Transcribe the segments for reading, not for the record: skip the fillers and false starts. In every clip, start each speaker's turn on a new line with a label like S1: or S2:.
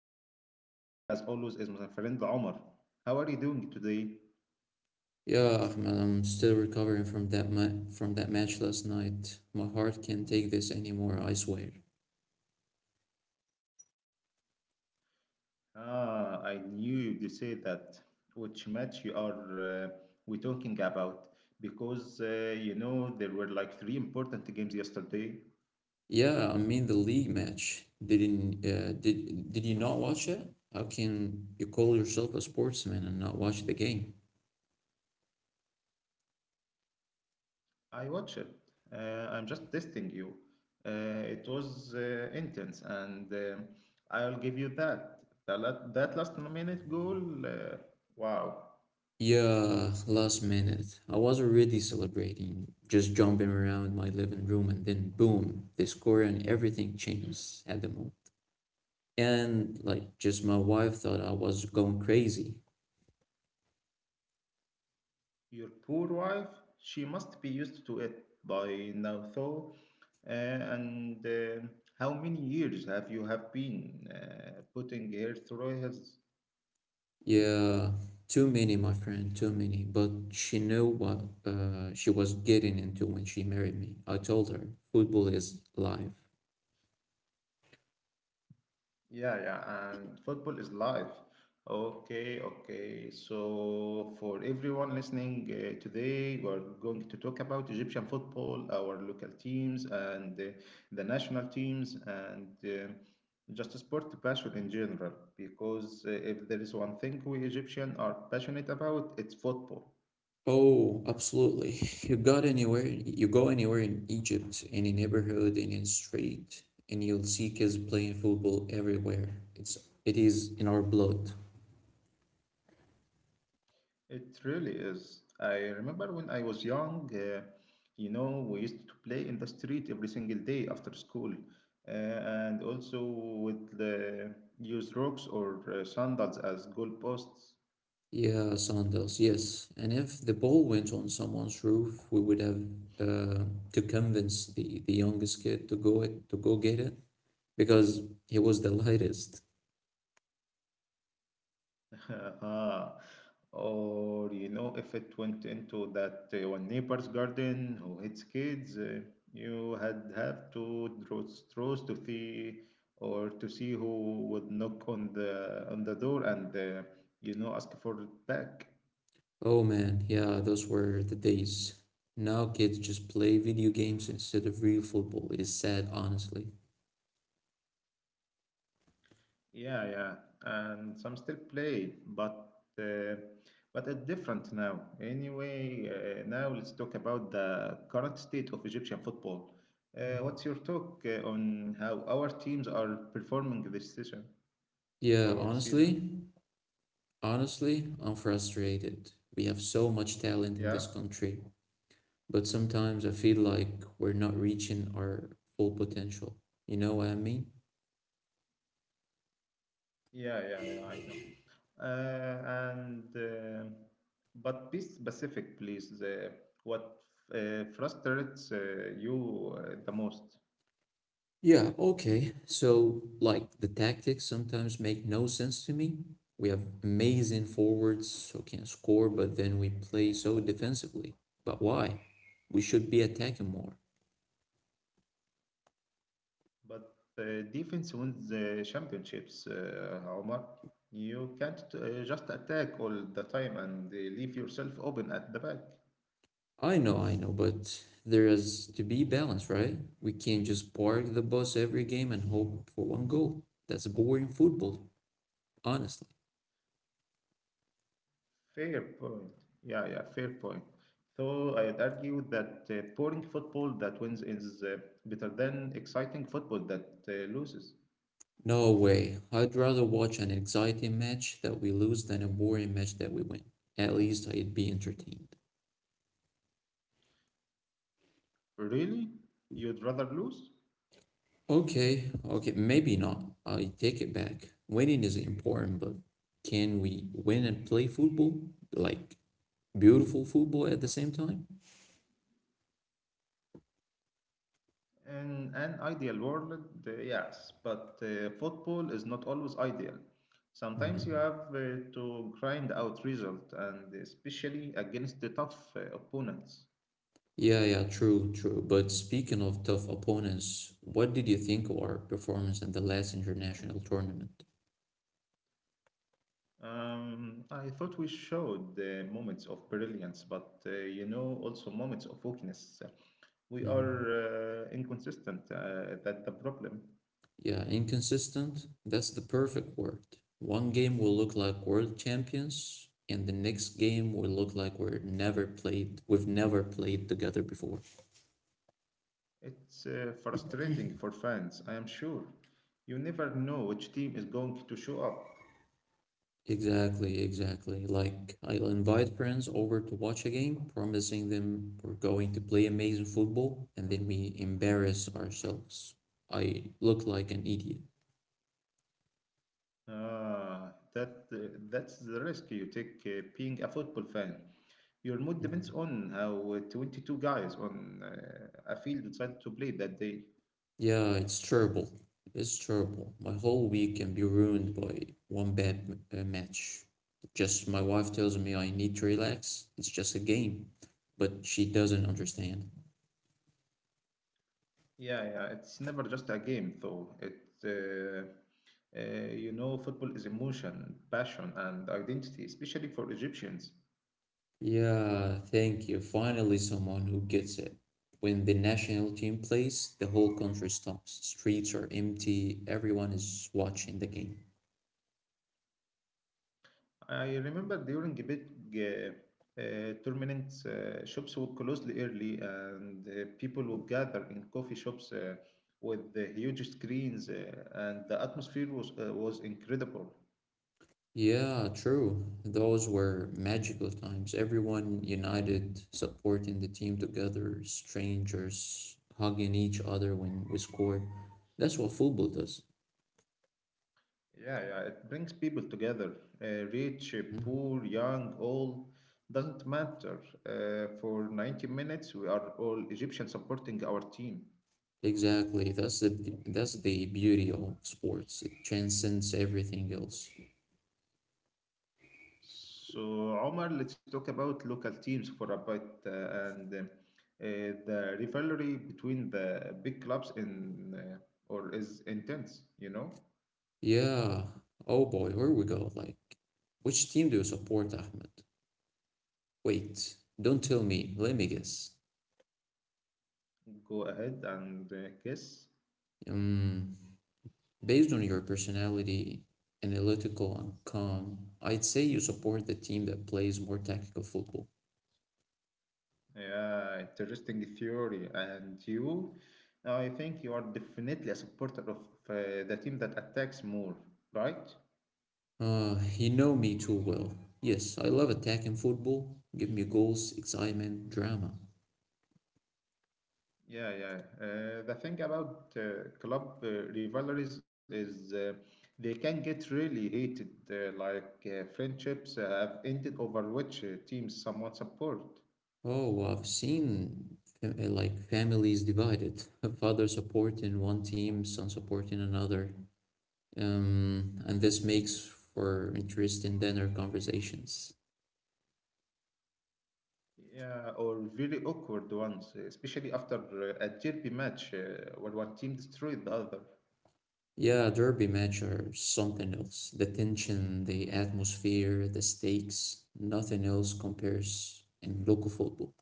S1: and joining me as always is my friend Omar. How are you doing today?
S2: Yeah, Ahmed, I'm still recovering from from that match last night. My heart can't take this anymore, I swear.
S1: Ah, I knew you'd say that. Which match you are we talking about? Because there were like three important games yesterday.
S2: Yeah, I mean the league match. Didn't did you not watch it? How can you call yourself a sportsman and not watch the game?
S1: I watched it. I'm just testing you. It was intense, and I'll give you that. That last minute goal. Wow.
S2: Yeah, last minute. I was already celebrating, just jumping around my living room, and then boom, the score and everything changed at the moment. And like, just my wife thought I was going crazy.
S1: Your poor wife, she must be used to it by now, though. Uh, and how many years have you have been putting her through his?
S2: Yeah, too many, my friend, too many. But she knew what she was getting into when she married me. I told her, football is life.
S1: Yeah, yeah, and football is live. Okay, okay. So, for everyone listening today, we're going to talk about Egyptian football, our local teams, and the national teams, and just sport passion in general. Because if there is one thing we Egyptians are passionate about, it's football.
S2: Oh, absolutely. You got anywhere, you go anywhere in Egypt, any neighborhood, any street, and you'll see kids playing football everywhere. It is in our blood.
S1: It really is. I remember when I was young, we used to play in the street every single day after school, and also with use rocks or sandals as goalposts.
S2: Yeah, sandals, yes. And if the ball went on someone's roof, we would have uh, to convince the youngest kid to go get it, because he was the lightest.
S1: Ah, or if it went into that one neighbor's garden who hits kids, you had have to draw straws to see who would knock on the door and ask for it back.
S2: Oh man, yeah, those were the days. Now kids just play video games instead of real football. It is sad, honestly.
S1: Yeah, yeah, and some still play, but uh, it's different now. Anyway, now let's talk about the current state of Egyptian football.
S2: Mhm.
S1: What's your talk on how our teams are performing this season
S2: Yeah,
S1: or season?
S2: honestly, honestly, I'm frustrated. We have so much
S1: Yeah,
S2: talent in this country, but sometimes I feel like we're not reaching our full potential. You know what I mean?
S1: yeah, yeah, yeah, I know. And But be specific, please. What frustrates you the most?
S2: Yeah, okay. So, like, the tactics sometimes make no sense to me. We have amazing forwards who can score, but then we play so defensively. But why? We should be attacking more.
S1: But defense wins the championships, Omar. You can't just attack all the time and leave yourself open at the back.
S2: I know, but there has to be balance, right? We can't just park the bus every game and hope for one goal. That's boring football, honestly.
S1: Fair point. Yeah, yeah, fair point. So I'd argue that boring football that wins is better than exciting football that loses.
S2: No way. I'd rather watch an exciting match that we lose than a boring match that we win. At least I'd be entertained.
S1: Really? You'd rather lose?
S2: Okay, okay, maybe not. I take it back. Winning is important, but can we win and play football? Like beautiful football at the same time?
S1: In an ideal world, yes, but football is not always ideal. Sometimes
S2: hmm
S1: you have to grind out result, and especially against the tough opponents.
S2: Yeah, yeah, true, true. But speaking of tough opponents, what did you think of our performance in the last international tournament?
S1: I thought we showed moments of brilliance, but also moments of weakness.
S2: hmm
S1: We are inconsistent. That's the problem.
S2: Yeah, inconsistent, that's the perfect word. One game will look like world champions, and the next game will look like we've never played together before.
S1: It's frustrating for fans, I am sure. You never know which team is going to show up.
S2: Exactly, exactly. Like, I'll invite friends over to watch a game, promising them we're going to play amazing football, and then we embarrass ourselves. I look like an idiot.
S1: Ah, that's the risk you take being a football fan. Your mood depends
S2: Mhm.
S1: on how 22 guys on a field decide to play that day.
S2: Yeah, it's terrible. It's terrible. My whole week can be ruined by one match. Just my wife tells me I need to relax. It's just a game, but she doesn't understand.
S1: Yeah, yeah, it's never just a game, though. Uh, Football is emotion, passion, and identity, especially for Egyptians.
S2: Yeah, thank you. Finally, someone who gets it. When the national team plays, the whole country stops. Streets are empty, everyone is watching the game.
S1: I remember during a big tournament, shops would close early and people would gather in coffee shops with the huge screens, and the atmosphere was incredible.
S2: Yeah, true. Those were magical times. Everyone united, supporting the team together, strangers hugging each other when we scored. That's what football does.
S1: Yeah, yeah, it brings people together, rich,
S2: Mhm.
S1: poor, young, old, doesn't matter. For 90 minutes, we are all Egyptians supporting our team.
S2: Exactly. That's the beauty of sports. It transcends everything else.
S1: So, Omar, let's talk about local teams for a bit and the rivalry between the big clubs in or is intense.
S2: Yeah. Oh boy, here we go. Like, which team do you support, Ahmed? Wait, don't tell me. Let me guess.
S1: Go ahead and guess.
S2: Um, based on your personality, analytical and calm, I'd say you support the team that plays more tactical football.
S1: Yeah, interesting theory. And you, I think you are definitely a supporter of the team that attacks more, right?
S2: You know me too well. Yes, I love attacking football. Give me goals, excitement, drama.
S1: Yeah, yeah. The thing about club rivalries is they can get really heated, like friendships have ended over which teams someone support.
S2: Oh, I've seen families divided. Father supporting one team, son supporting another, and this makes for interesting dinner conversations.
S1: Yeah, or very awkward ones, especially after a derby match where one team destroyed the other.
S2: Yeah, derby match are something else. The tension, the atmosphere, the stakes, nothing else compares in local football.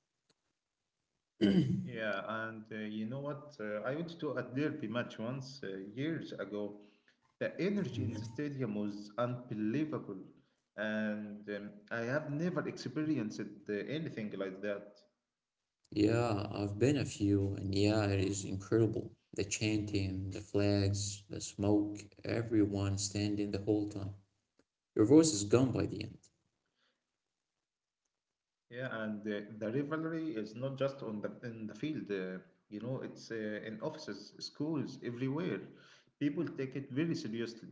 S1: Yeah, and you know what? I went to a derby match once years ago. The energy in the stadium was unbelievable, and I have never experienced anything like that.
S2: Yeah, I've been a few, and yeah, it is incredible. The chanting, the flags, the smoke, everyone standing the whole time. Your voice is gone by the end.
S1: Yeah, and the rivalry is not just on the in the field. It's in offices, schools, everywhere. People take it very seriously.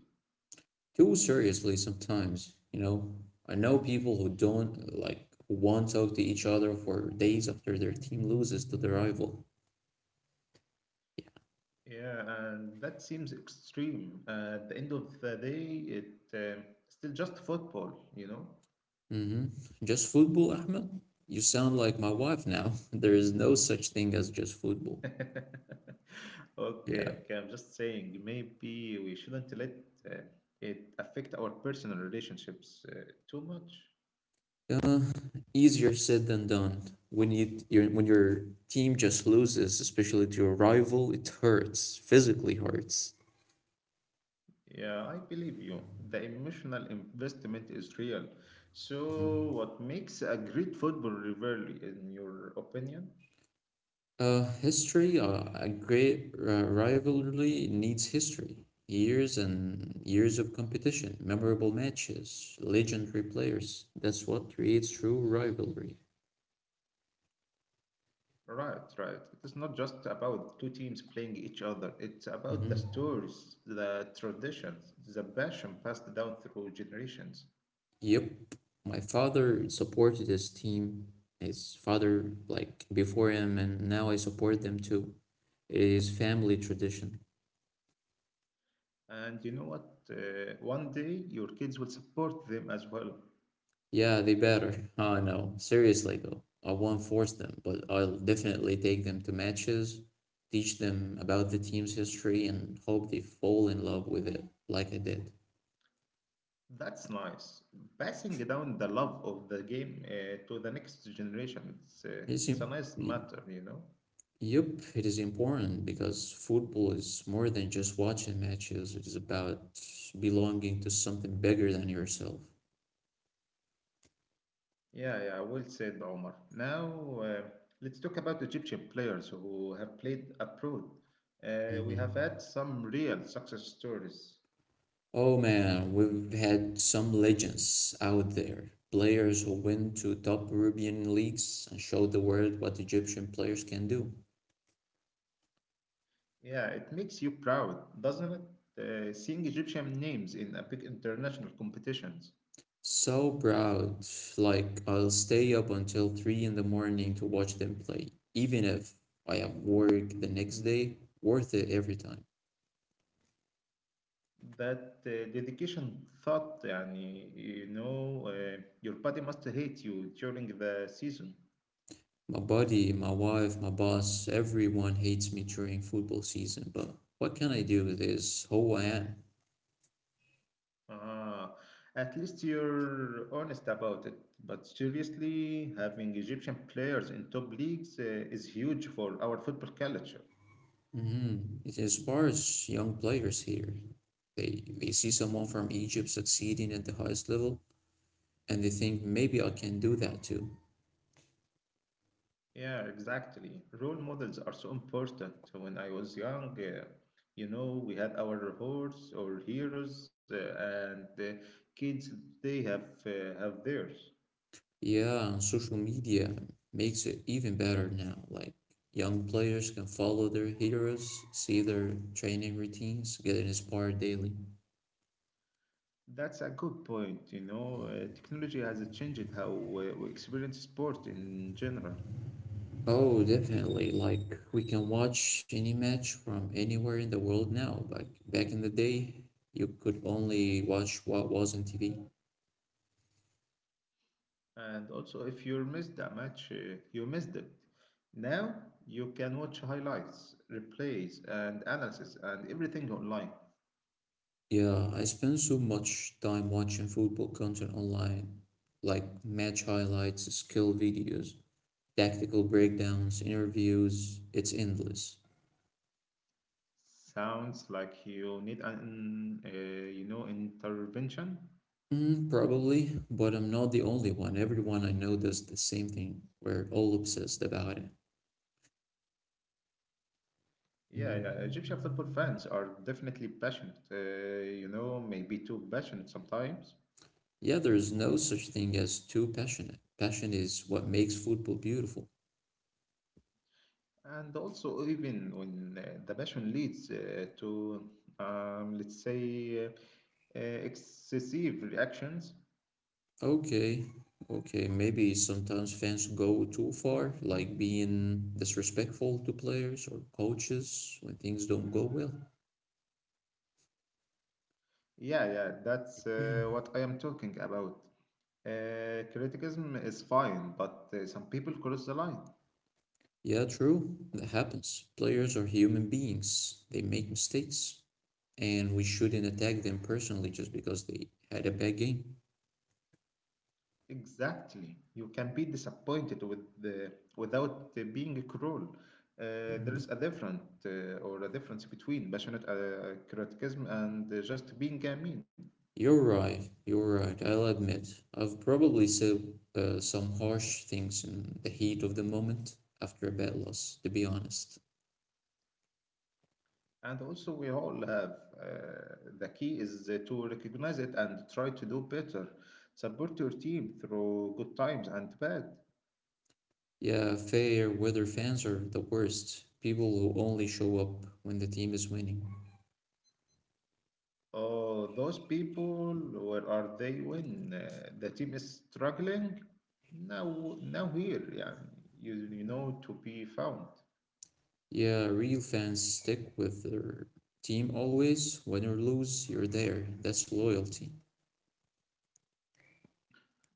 S2: Too seriously sometimes. You know, I know people who don't like who won't talk to each other for days after their team loses to their rival.
S1: Yeah, and that seems extreme. At the end of the day, it still just football.
S2: hmm Just football, Ahmed? You sound like my wife now. There is no such thing as just football.
S1: Okay,
S2: Yeah.
S1: okay. I'm just saying maybe we shouldn't let uh, it affect our personal relationships too much.
S2: Uh, easier said than done. When your team just loses, especially to your rival, it hurts. Physically hurts.
S1: Yeah, I believe you. The emotional investment is real. So, what makes a great football rivalry, in your opinion?
S2: History, a great rivalry needs history. Years and years of competition, memorable matches, legendary players. That's what creates true rivalry.
S1: Right, right. It is not just about two teams playing each other. It's about the stories,
S2: Mhm.
S1: the traditions, the passion passed down through generations.
S2: Yep. My father supported his team, his father, like before him, and now I support them too. It is family tradition.
S1: And you know what? One day your kids will support them as well.
S2: Yeah, they better. I no, Seriously though, I won't force them, but I'll definitely take them to matches, teach them about the team's history, and hope they fall in love with it like I did.
S1: That's nice. Passing down the love of the game to the next generation, it's, uh,
S2: It's
S1: it's a
S2: im-
S1: nice
S2: y-
S1: matter, you know?
S2: yup, it is important because football is more than just watching matches. It is about belonging to something bigger than yourself.
S1: Yeah, yeah, well said, Omar. Now, let's talk about Egyptian players who have played abroad. We have
S2: Mm-hmm.
S1: had some real success stories.
S2: Oh man, we've had some legends out there. Players who went to top European leagues and showed the world what Egyptian players can do.
S1: Yeah, it makes you proud, doesn't it? Seeing Egyptian names in a big international competitions.
S2: So proud. Like, I'll stay up until 3 in the morning to watch them play, even if I have work the next day. Worth it every time.
S1: That dedication thought, yani, your body must hate you during the season.
S2: My buddy, my wife, my boss, everyone hates me during football season, but what can I do? This is who I am.
S1: Ah, at least you're honest about it. But seriously, having Egyptian players in top leagues is huge for our football culture.
S2: Mhm. It inspires young players here. They see someone from Egypt succeeding at the highest level, and they think maybe I can do that too.
S1: Yeah, exactly. Role models are so important. When I was young, we had our horse or heroes, and the kids they have theirs.
S2: Yeah, and social media makes it even better now. Like young players can follow their heroes, see their training routines, get inspired daily.
S1: That's a good point. Technology has changed how we experience sport in general.
S2: Oh, definitely. Like we can watch any match from anywhere in the world now. Like back in the day, you could only watch what was on TV.
S1: And also, if you missed a match, you missed it. Now you can watch highlights, replays, and analysis, and everything online.
S2: Yeah, I spend so much time watching football content online, like match highlights, skill videos, tactical breakdowns, interviews. It's endless.
S1: Sounds like you need an intervention.
S2: Mm, probably, but I'm not the only one. Everyone I know does the same thing. We're all obsessed about it.
S1: Yeah, yeah, Egyptian
S2: Mm.
S1: football fans are definitely passionate. Maybe too passionate sometimes.
S2: Yeah, there is no such thing as too passionate. Passion is what makes football beautiful.
S1: And also, even when the passion leads to, let's say, excessive reactions,
S2: Okay, okay. Maybe sometimes fans go too far, like being disrespectful to players or coaches when things don't go well.
S1: yeah, yeah, that's what I am talking about. Criticism is fine, but some people cross the line.
S2: Yeah, true. That happens. Players are human beings. They make mistakes, and we shouldn't attack them personally just because they had a bad game.
S1: Exactly. You can be disappointed without being cruel. There
S2: Mhm.
S1: is a different or a difference between passionate criticism and just being mean.
S2: You're right. You're right. I'll admit. I've probably said some harsh things in the heat of the moment after a bad loss, to be honest.
S1: And also, we all have the key is to recognize it and try to do better. Support your team through good times and bad.
S2: Yeah, fair weather fans are the worst. People who only show up when the team is winning.
S1: Oh, those people, where are they when the team is struggling? Now here, yeah, you know to be found.
S2: Yeah, real fans stick with their team always. Win or lose, you're there. That's loyalty.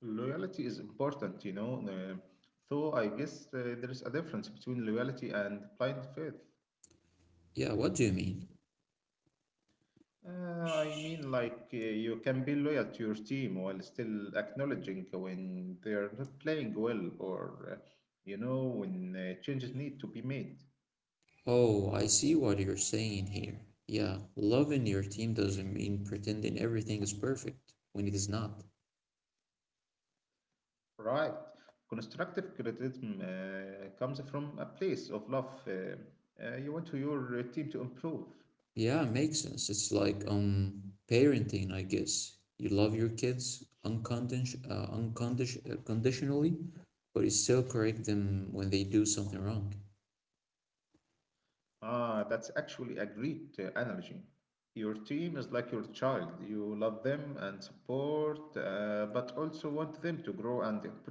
S1: Loyalty is important. Though I guess there is a difference between loyalty and blind faith.
S2: Yeah, what do you mean?
S1: I mean, like, you can be loyal to your team while still acknowledging when they're not playing well or when changes need to be made.
S2: Oh, I see what you're saying here. Yeah, loving your team doesn't mean pretending everything is perfect when it is not.
S1: Right. Constructive criticism comes from a place of love. You want to your team to improve.
S2: Yeah, makes sense. It's like parenting, I guess. You love your kids uncondition uncondition conditionally, but you still correct them when they do something wrong.
S1: Ah, that's actually a great analogy. Your team is like your child. You love them and support, but also want them to grow and improve.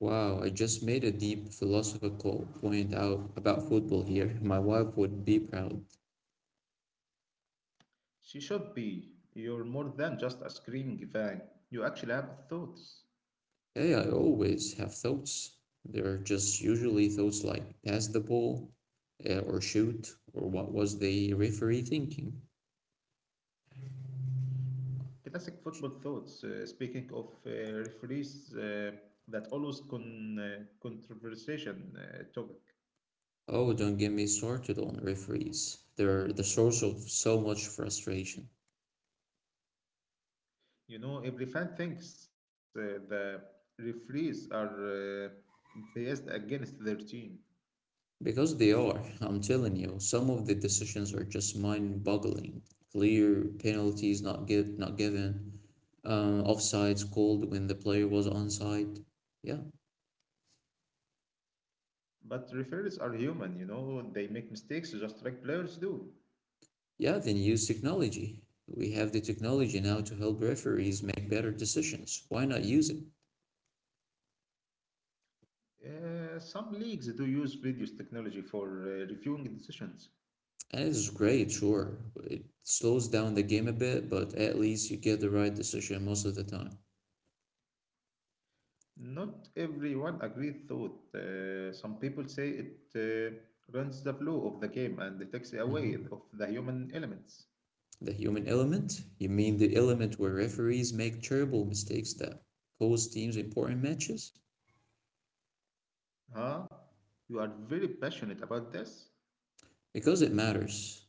S2: Wow, I just made a deep philosophical point out about football here. My wife would be proud.
S1: She should be. You're more than just a screaming fan. You actually have thoughts.
S2: Hey, I always have thoughts. They're just usually thoughts like pass the ball, or shoot, or what was the referee thinking?
S1: Classic football thoughts. Speaking of referees that always conversation topic.
S2: Oh, don't get me started on referees. They're the source of so much frustration.
S1: Every fan thinks the referees are biased against their team.
S2: Because they are, I'm telling you, some of the decisions are just mind-boggling. Clear penalties not given, offsides called when the player was onside. Yeah,
S1: But referees are human, they make mistakes just like players do.
S2: yeah. Then use technology. We have the technology now to help referees make better decisions. Why not use it?
S1: Some leagues do use videos technology for reviewing decisions.
S2: And it's great, sure. It slows down the game a bit, but at least you get the right decision most of the time.
S1: Not everyone agrees, though. Some people say it runs the flow of the game and it takes away
S2: hmm
S1: of the human elements.
S2: The human element? You mean the element where referees make terrible mistakes that cost teams important matches?
S1: Huh? You are very passionate about this.
S2: Because it matters.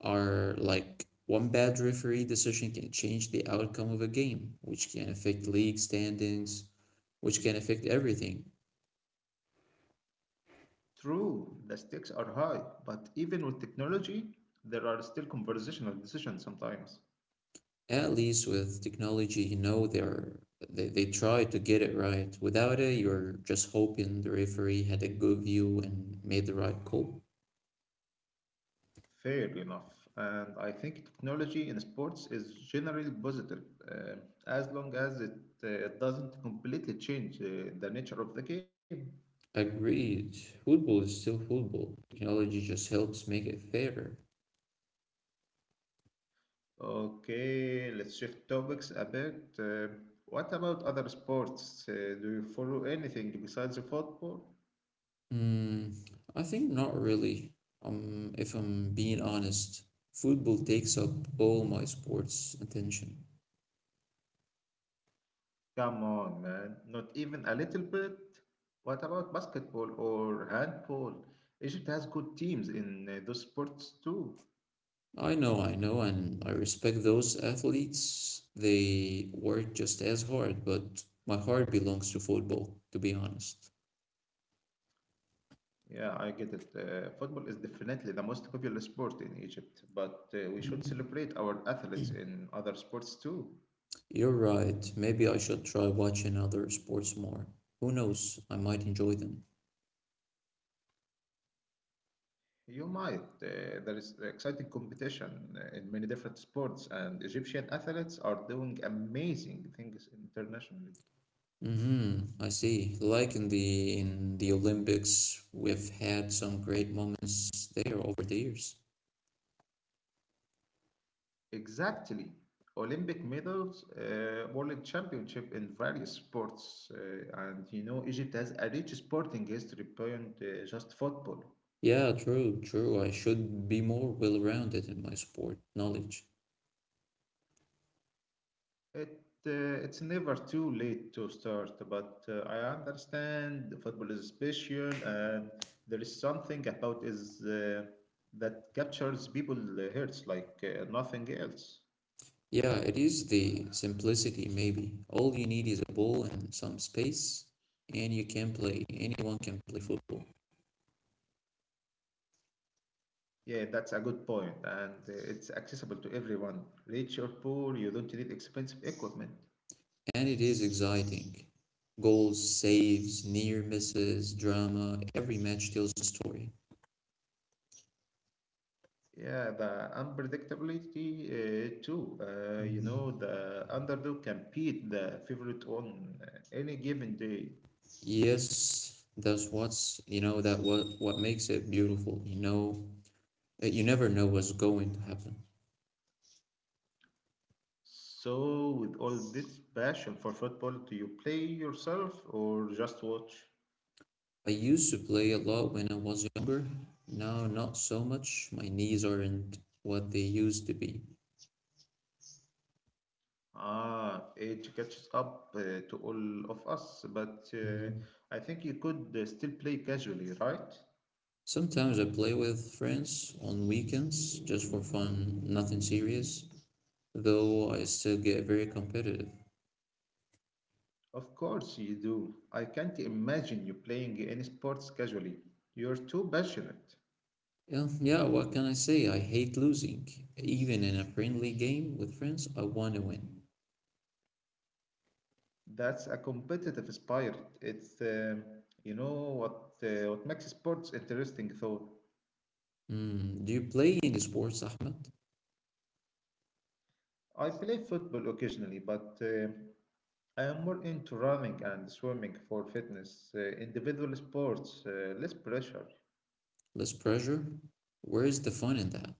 S2: Are like one bad referee decision can change the outcome of a game, which can affect league standings, which can affect everything.
S1: True, the stakes are high, but even with technology, there are still conversational decisions sometimes.
S2: At least with technology, you know they try to get it right. Without it, you're just hoping the referee had a good view and made the right call.
S1: Fair enough. And I think technology in sports is generally positive, uh, as long as it doesn't completely change the nature of the game.
S2: Agreed. Football is still football. Technology just helps make it fairer.
S1: Okay, let's shift topics a bit. What about other sports? Do you follow anything besides football?
S2: Mm, I think not really. If I'm being honest, football takes up all my sports attention.
S1: Come on, man, not even a little bit. What about basketball or handball? Egypt has good teams in those sports too.
S2: I know, and I respect those athletes. They work just as hard, but my heart belongs to football, to be honest.
S1: Yeah, I get it. Football is definitely the most popular sport in Egypt, but we should celebrate our athletes in other sports too.
S2: You're right. Maybe I should try watching other sports more. Who knows? I might enjoy them.
S1: You might. There is exciting competition in many different sports, and Egyptian athletes are doing amazing things internationally.
S2: Mm-hmm. I see. Like in the Olympics, we've had some great moments there over the years.
S1: Exactly. Olympic medals, world championship in various sports, and Egypt has a rich sporting history beyond just football.
S2: Yeah, true, true. I should be more well-rounded in my sport knowledge.
S1: It's never too late to start, but I understand football is special, and there is something about is that captures people hearts like nothing else.
S2: Yeah, it is the simplicity, maybe. All you need is a ball and some space, and you can play. Anyone can play football.
S1: Yeah, that's a good point, and it's accessible to everyone, rich or poor. You don't need expensive equipment.
S2: And it is exciting. Goals, saves, near misses, drama, every match tells a story.
S1: Yeah, the unpredictability too.
S2: Mhm.
S1: The underdog can beat the favorite on any given day.
S2: Yes, that's what makes it beautiful, that you never know what's going to happen.
S1: So, with all this passion for football, do you play yourself or just watch?
S2: I used to play a lot when I was younger. Now, not so much. My knees aren't what they used to be.
S1: Ah, it catches up to all of us, but
S2: Mhm.
S1: I think you could still play casually, right?
S2: Sometimes I play with friends on weekends just for fun, nothing serious, though I still get very competitive.
S1: Of course you do. I can't imagine you playing any sports casually. You're too passionate.
S2: Yeah, yeah, what can I say? I hate losing. Even in a friendly game with friends, I want to win.
S1: That's a competitive spirit. It's, um you know, what uh, what makes sports interesting, though.
S2: Mm, do you play any sports, Ahmed?
S1: I play football occasionally, but I am more into running and swimming for fitness, individual sports, less pressure.
S2: Less pressure? Where is the fun in that?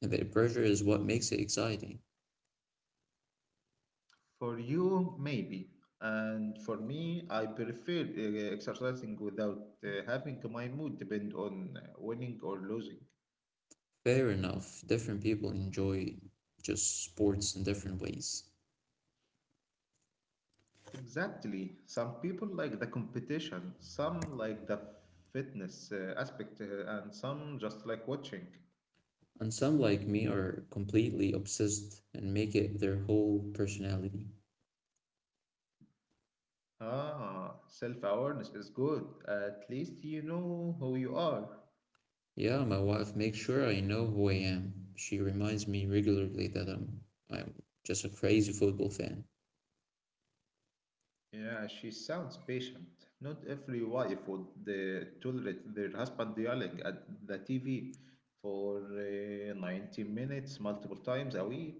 S2: The pressure is what makes it exciting.
S1: For you, maybe. And for me, I prefer exercising without having my mood depend on winning or losing.
S2: Fair enough, different people enjoy just sports in different ways.
S1: Exactly. Some people like the competition, some like the fitness aspect, and some just like watching.
S2: And some, like me, are completely obsessed and make it their whole personality.
S1: Ah, self-awareness is good. At least you know who you are.
S2: Yeah, my wife makes sure I know who I am. She reminds me regularly that I'm just a crazy football fan.
S1: Yeah, she sounds patient. Not every wife would tolerate their husband yelling at the TV for 90 minutes multiple times a week.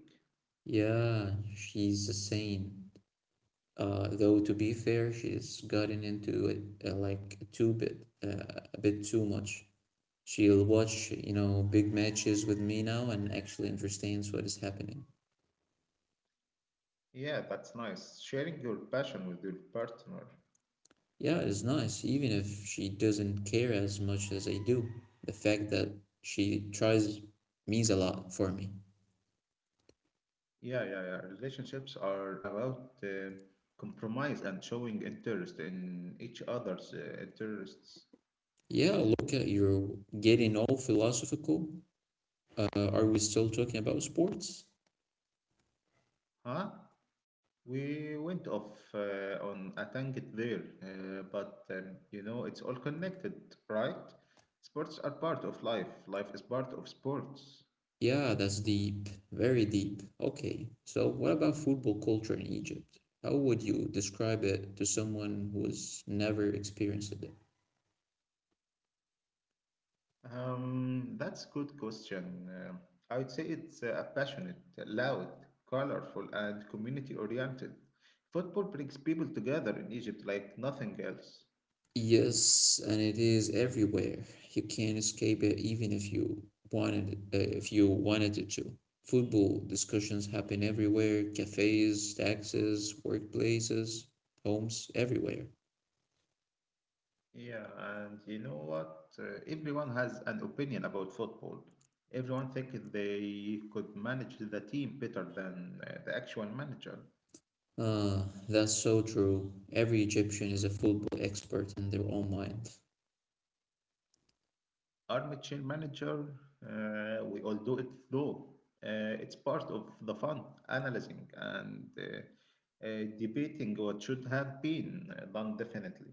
S2: Yeah, she's a saint. Though to be fair, she's gotten into it like a bit too much. She'll watch big matches with me now and actually understands what is happening.
S1: Yeah, that's nice. Sharing your passion with your partner.
S2: Yeah, it's nice, even if she doesn't care as much as I do. The fact that she tries means a lot for me.
S1: Yeah, yeah, yeah. Relationships are about compromise and showing interest in each other's interests.
S2: Yeah, look at you're getting all philosophical. Uh, are we still talking about sports?
S1: Huh? We went off on a tangent there, but you know, it's all connected, right? Sports are part of life. Life is part of sports.
S2: Yeah, that's deep, very deep. Okay, so what about football culture in Egypt? How would you describe it to someone who's never experienced it?
S1: That's good question. I would say it's passionate, loud, colorful, and community-oriented. Football brings people together in Egypt like nothing else.
S2: Yes, and it is everywhere. You can't escape it even if you wanted it to. Football discussions happen everywhere: cafes, taxis, workplaces, homes, everywhere.
S1: Yeah, and you know what? Everyone has an opinion about football. Everyone thinks they could manage the team better than the actual manager.
S2: Ah, that's so true. Every Egyptian is a football expert in their own mind.
S1: Armchair manager, we all do it though. It's part of the fun, analyzing and debating what should have been done definitely.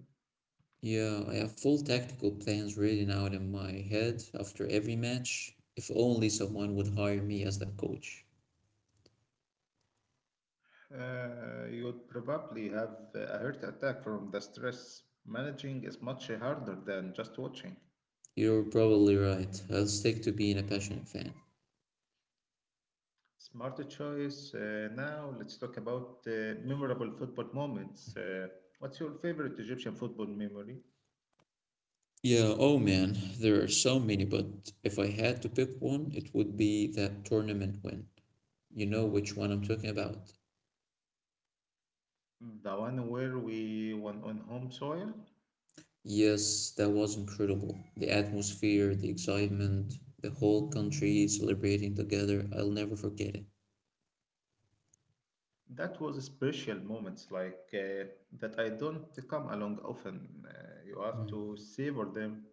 S2: Yeah, I have full tactical plans written out in my head after every match. If only someone would hire me as the coach.
S1: You'd probably have a heart attack from the stress. Managing is much harder than just watching.
S2: You're probably right. I'll stick to being a passionate fan.
S1: Smarter choice. Now let's talk about memorable football moments. What's your favorite Egyptian football memory?
S2: Yeah, oh man, there are so many, but if I had to pick one, it would be that tournament win. You know which one I'm talking about.
S1: The one where we won on home soil?
S2: Yes, that was incredible. The atmosphere, the excitement, the whole country celebrating together, I'll never forget it.
S1: That was a special moments like that I don't come along often. You have to
S2: Hmm.
S1: savor them.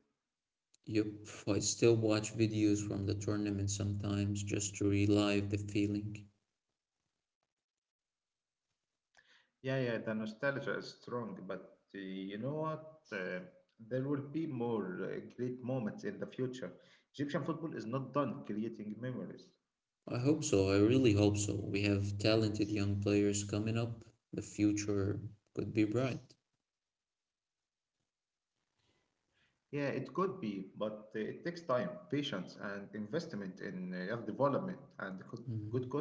S2: Yup, I still watch videos from the tournament sometimes just to relive the feeling.
S1: Yeah, yeah, the nostalgia is strong, but you know what? There will be more great moments in the future. Egyptian football is not done creating memories.
S2: I hope so, I really hope so. We have talented young players coming up. The future could be bright.
S1: Yeah, it could be, but it takes time, patience, and investment in your development and good coaching.
S2: Mhm.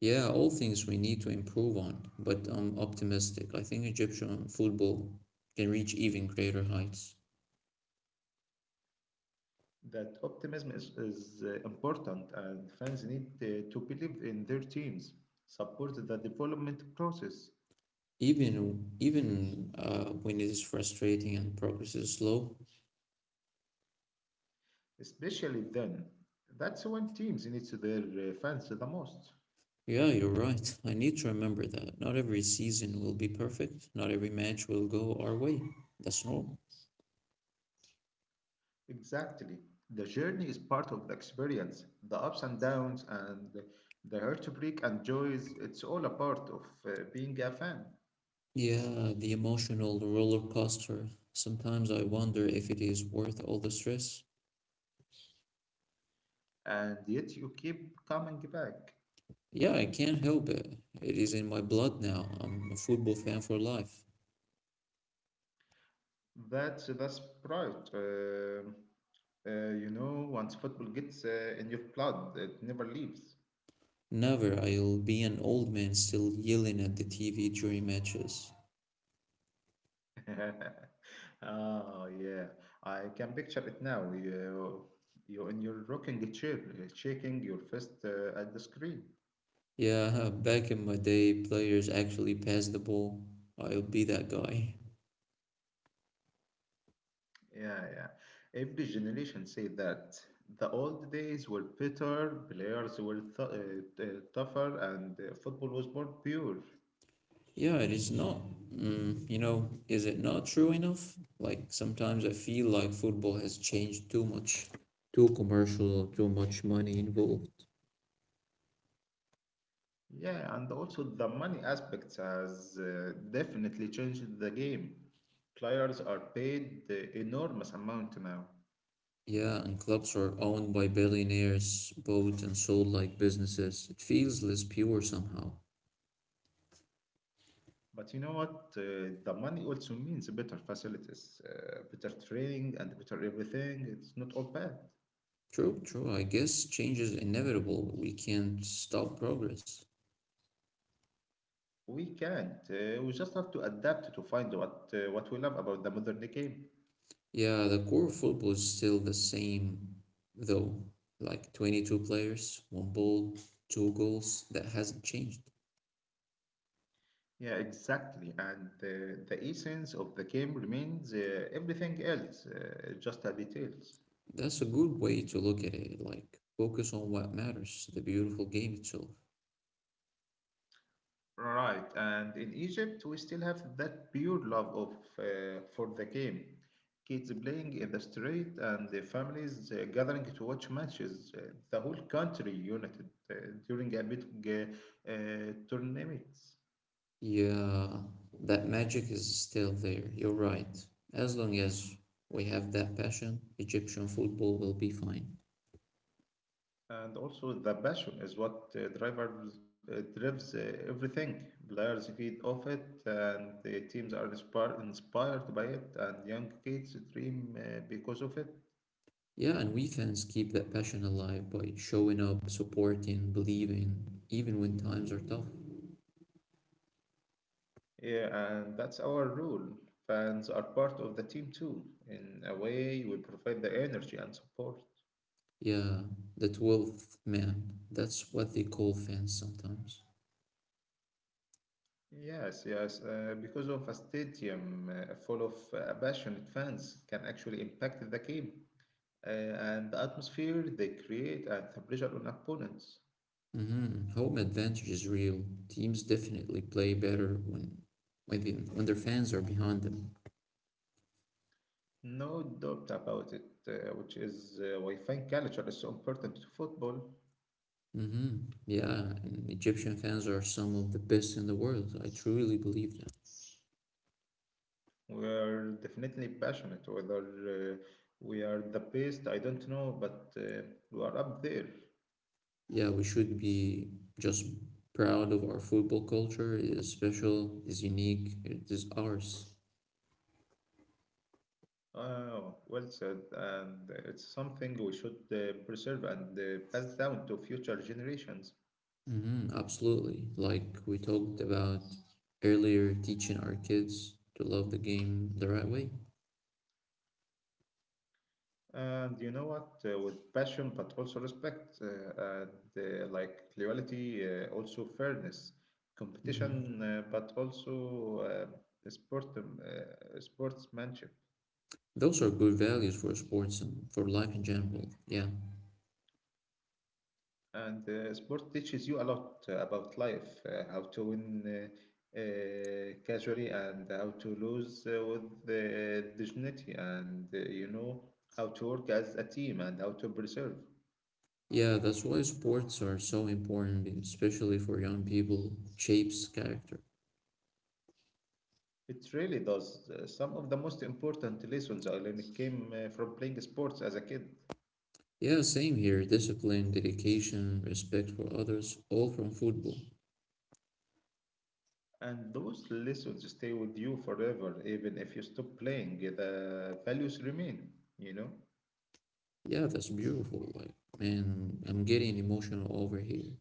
S2: Yeah, all things we need to improve on, but I'm optimistic. I think Egyptian football can reach even greater heights.
S1: That optimism is important, and fans need to believe in their teams, support the development process,
S2: Even even when it is frustrating and progress is slow.
S1: especially then. That's when teams need their fans the most.
S2: Yeah, you're right. I need to remember that. Not every season will be perfect. Not every match will go our way. That's normal.
S1: Exactly. The journey is part of the experience, the ups and downs, and the heartbreak and joys. It's all a part of being a fan.
S2: Yeah, the emotional roller coaster. Sometimes I wonder if it is worth all the stress.
S1: And yet you keep coming back.
S2: Yeah, I can't help it. It is in my blood now. I'm a football fan for life.
S1: That's pride. You know, once football gets in your blood, it never leaves.
S2: Never. I'll be an old man still yelling at the TV during matches.
S1: Oh yeah, I can picture it now. You in your rocking chair, shaking your fist at the screen.
S2: Yeah, back in my day, players actually passed the ball. I'll be that guy.
S1: Yeah, yeah. Every generation say that the old days were better, players were tougher, and football was more pure.
S2: Yeah, it is not. Mm, you know, is it not true enough? Like sometimes I feel like football has changed too much, too commercial, too much money involved.
S1: Yeah, and also the money aspect has definitely changed the game. Players are paid enormous amount now.
S2: Yeah, and clubs are owned by billionaires, bought and sold like businesses. It feels less pure somehow.
S1: But you know what? The money also means better facilities, better training, and better everything. It's not all bad.
S2: True, true. I guess change is inevitable, but we can't stop progress.
S1: We can't. We just have to adapt to find what we love about the modern game.
S2: Yeah, the core of football is still the same, though. Like 22 players, one ball, two goals. That hasn't changed.
S1: Yeah, exactly. And the essence of the game remains everything else, just the details.
S2: That's a good way to look at it. Like, focus on what matters, the beautiful game itself.
S1: Right, and in Egypt, we still have that pure love of for the game. Kids playing in the street and the families gathering to watch matches. The whole country united during a big tournament.
S2: Yeah, that magic is still there. You're right. As long as we have that passion, Egyptian football will be fine.
S1: And also, the passion is what drives everything. Players feed off it, and the teams are inspired, inspired by it, and young kids dream because of it.
S2: Yeah, and we fans keep that passion alive by showing up, supporting, believing, even when times are tough.
S1: Yeah, and that's our rule. Fans are part of the team too. In a way, we provide the energy and support.
S2: Yeah, the 12th man. That's what they call fans sometimes.
S1: Yes, yes, because of a stadium full of passionate fans can actually impact the game and the atmosphere they create and the pressure on opponents.
S2: Mhm. Home advantage is real. Teams definitely play better when their fans are behind them.
S1: No doubt about it, which is why fan culture is so important to football.
S2: Hmm. Yeah, and Egyptian fans are some of the best in the world. I truly believe that.
S1: We are definitely passionate, whether we are the best, I don't know, but we are up there.
S2: Yeah, we should be just proud of our football culture. It is special, it is unique, it is ours.
S1: Oh, well said. And it's something we should preserve and pass down to future generations.
S2: Hmm. Absolutely. Like we talked about earlier, teaching our kids to love the game the right way.
S1: And you know what? With passion, but also respect, and like loyalty, also fairness,
S2: Mhm.
S1: competition, but also sportsmanship.
S2: Those are good values for sports and for life in general. Yeah.
S1: And sport teaches you a lot about life, how to win uh, uh, casually and how to lose with dignity, and you know how to work as a team and how to preserve.
S2: Yeah, that's why sports are so important, especially for young people. It shapes character.
S1: It really does. Some of the most important lessons I learned came from playing sports as a kid.
S2: Yeah, same here. Discipline, dedication, respect for others, all from football.
S1: And those lessons stay with you forever, even if you stop playing, the values remain, you know?
S2: Yeah, that's beautiful. Like, man, I'm getting emotional over here.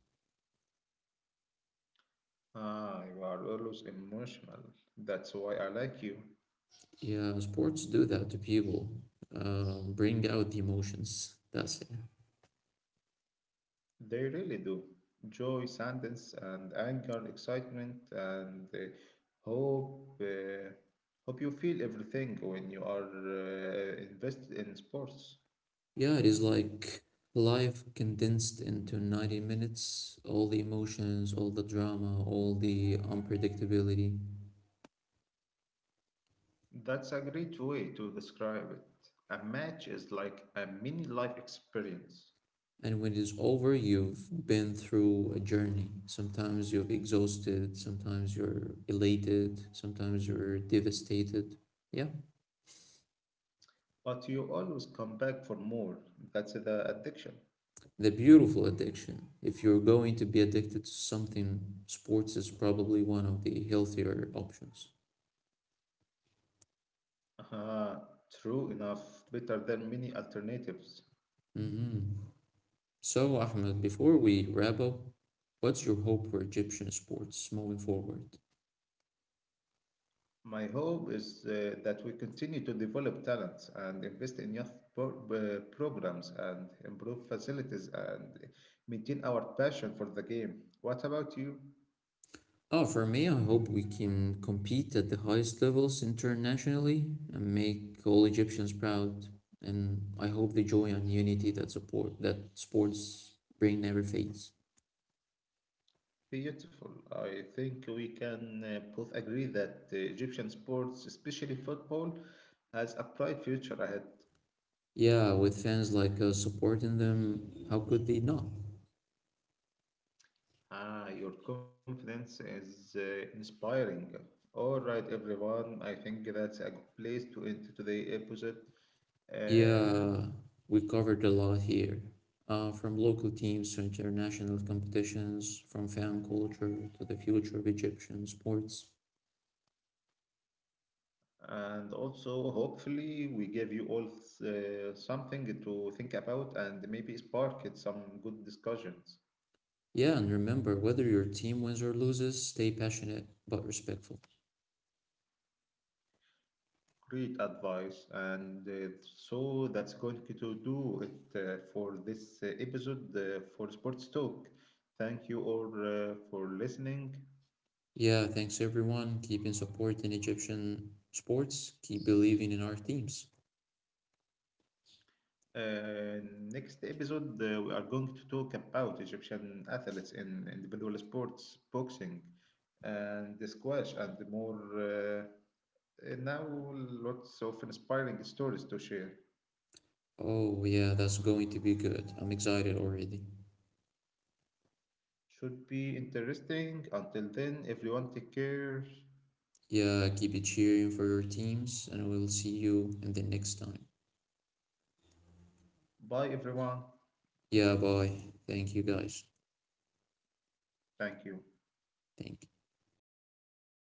S1: Ah, you are always emotional. That's why I like you.
S2: Yeah, sports do that to people. Bring out the emotions. That's it.
S1: They really do. Joy, sadness, and anger, excitement, and hope. Hope you feel everything when you are invested in sports.
S2: Yeah, it is like life condensed into 90 minutes, all the emotions, all the drama, all the unpredictability.
S1: That's a great way to describe it. A match is like a mini life experience,
S2: And when it is over, you've been through a journey. Sometimes you're exhausted, sometimes you're elated, sometimes you're devastated. Yeah,
S1: but you always come back for more. That's the addiction.
S2: the beautiful addiction. If you're going to be addicted to something, sports is probably one of the healthier options.
S1: Ah, true enough, better than many alternatives.
S2: Mm-hmm. So, Ahmed, before we wrap up, what's your hope for Egyptian sports moving forward?
S1: My hope is that we continue to develop talents and invest in programs and improve facilities and maintain our passion for the game. What about you?
S2: Oh, for me, I hope we can compete at the highest levels internationally and make all Egyptians proud. And I hope the joy and unity that support that sports bring never fades.
S1: Beautiful. I think we can both agree that Egyptian sports, especially football, has a bright future ahead.
S2: Yeah, with fans like us supporting them, how could they not?
S1: Ah, your confidence is inspiring. All right, everyone. I think that's a good place to end today's episode. Uh,
S2: Yeah, we covered a lot here. From local teams to international competitions, from fan culture to the future of Egyptian sports.
S1: And also, hopefully, we gave you all something to think about and maybe spark it some good discussions,
S2: Yeah, and remember, whether your team wins or loses, stay passionate but respectful.
S1: great advice. And so that's going to do it for this episode for Sports Talk. Thank you all for listening.
S2: Yeah, thanks everyone. Keep in support in Egyptian sports. Keep believing in our teams.
S1: Next episode, we are going to talk about Egyptian athletes in individual sports, boxing, and squash, and more. Uh, And now, lots of inspiring stories to share.
S2: Oh, yeah, that's going to be good. I'm excited already.
S1: Should be interesting. Until then, everyone take care.
S2: Yeah, keep it cheering for your teams, and we'll see you in the next time.
S1: Bye, everyone.
S2: Yeah, bye. Thank you guys.
S1: Thank you.
S2: Think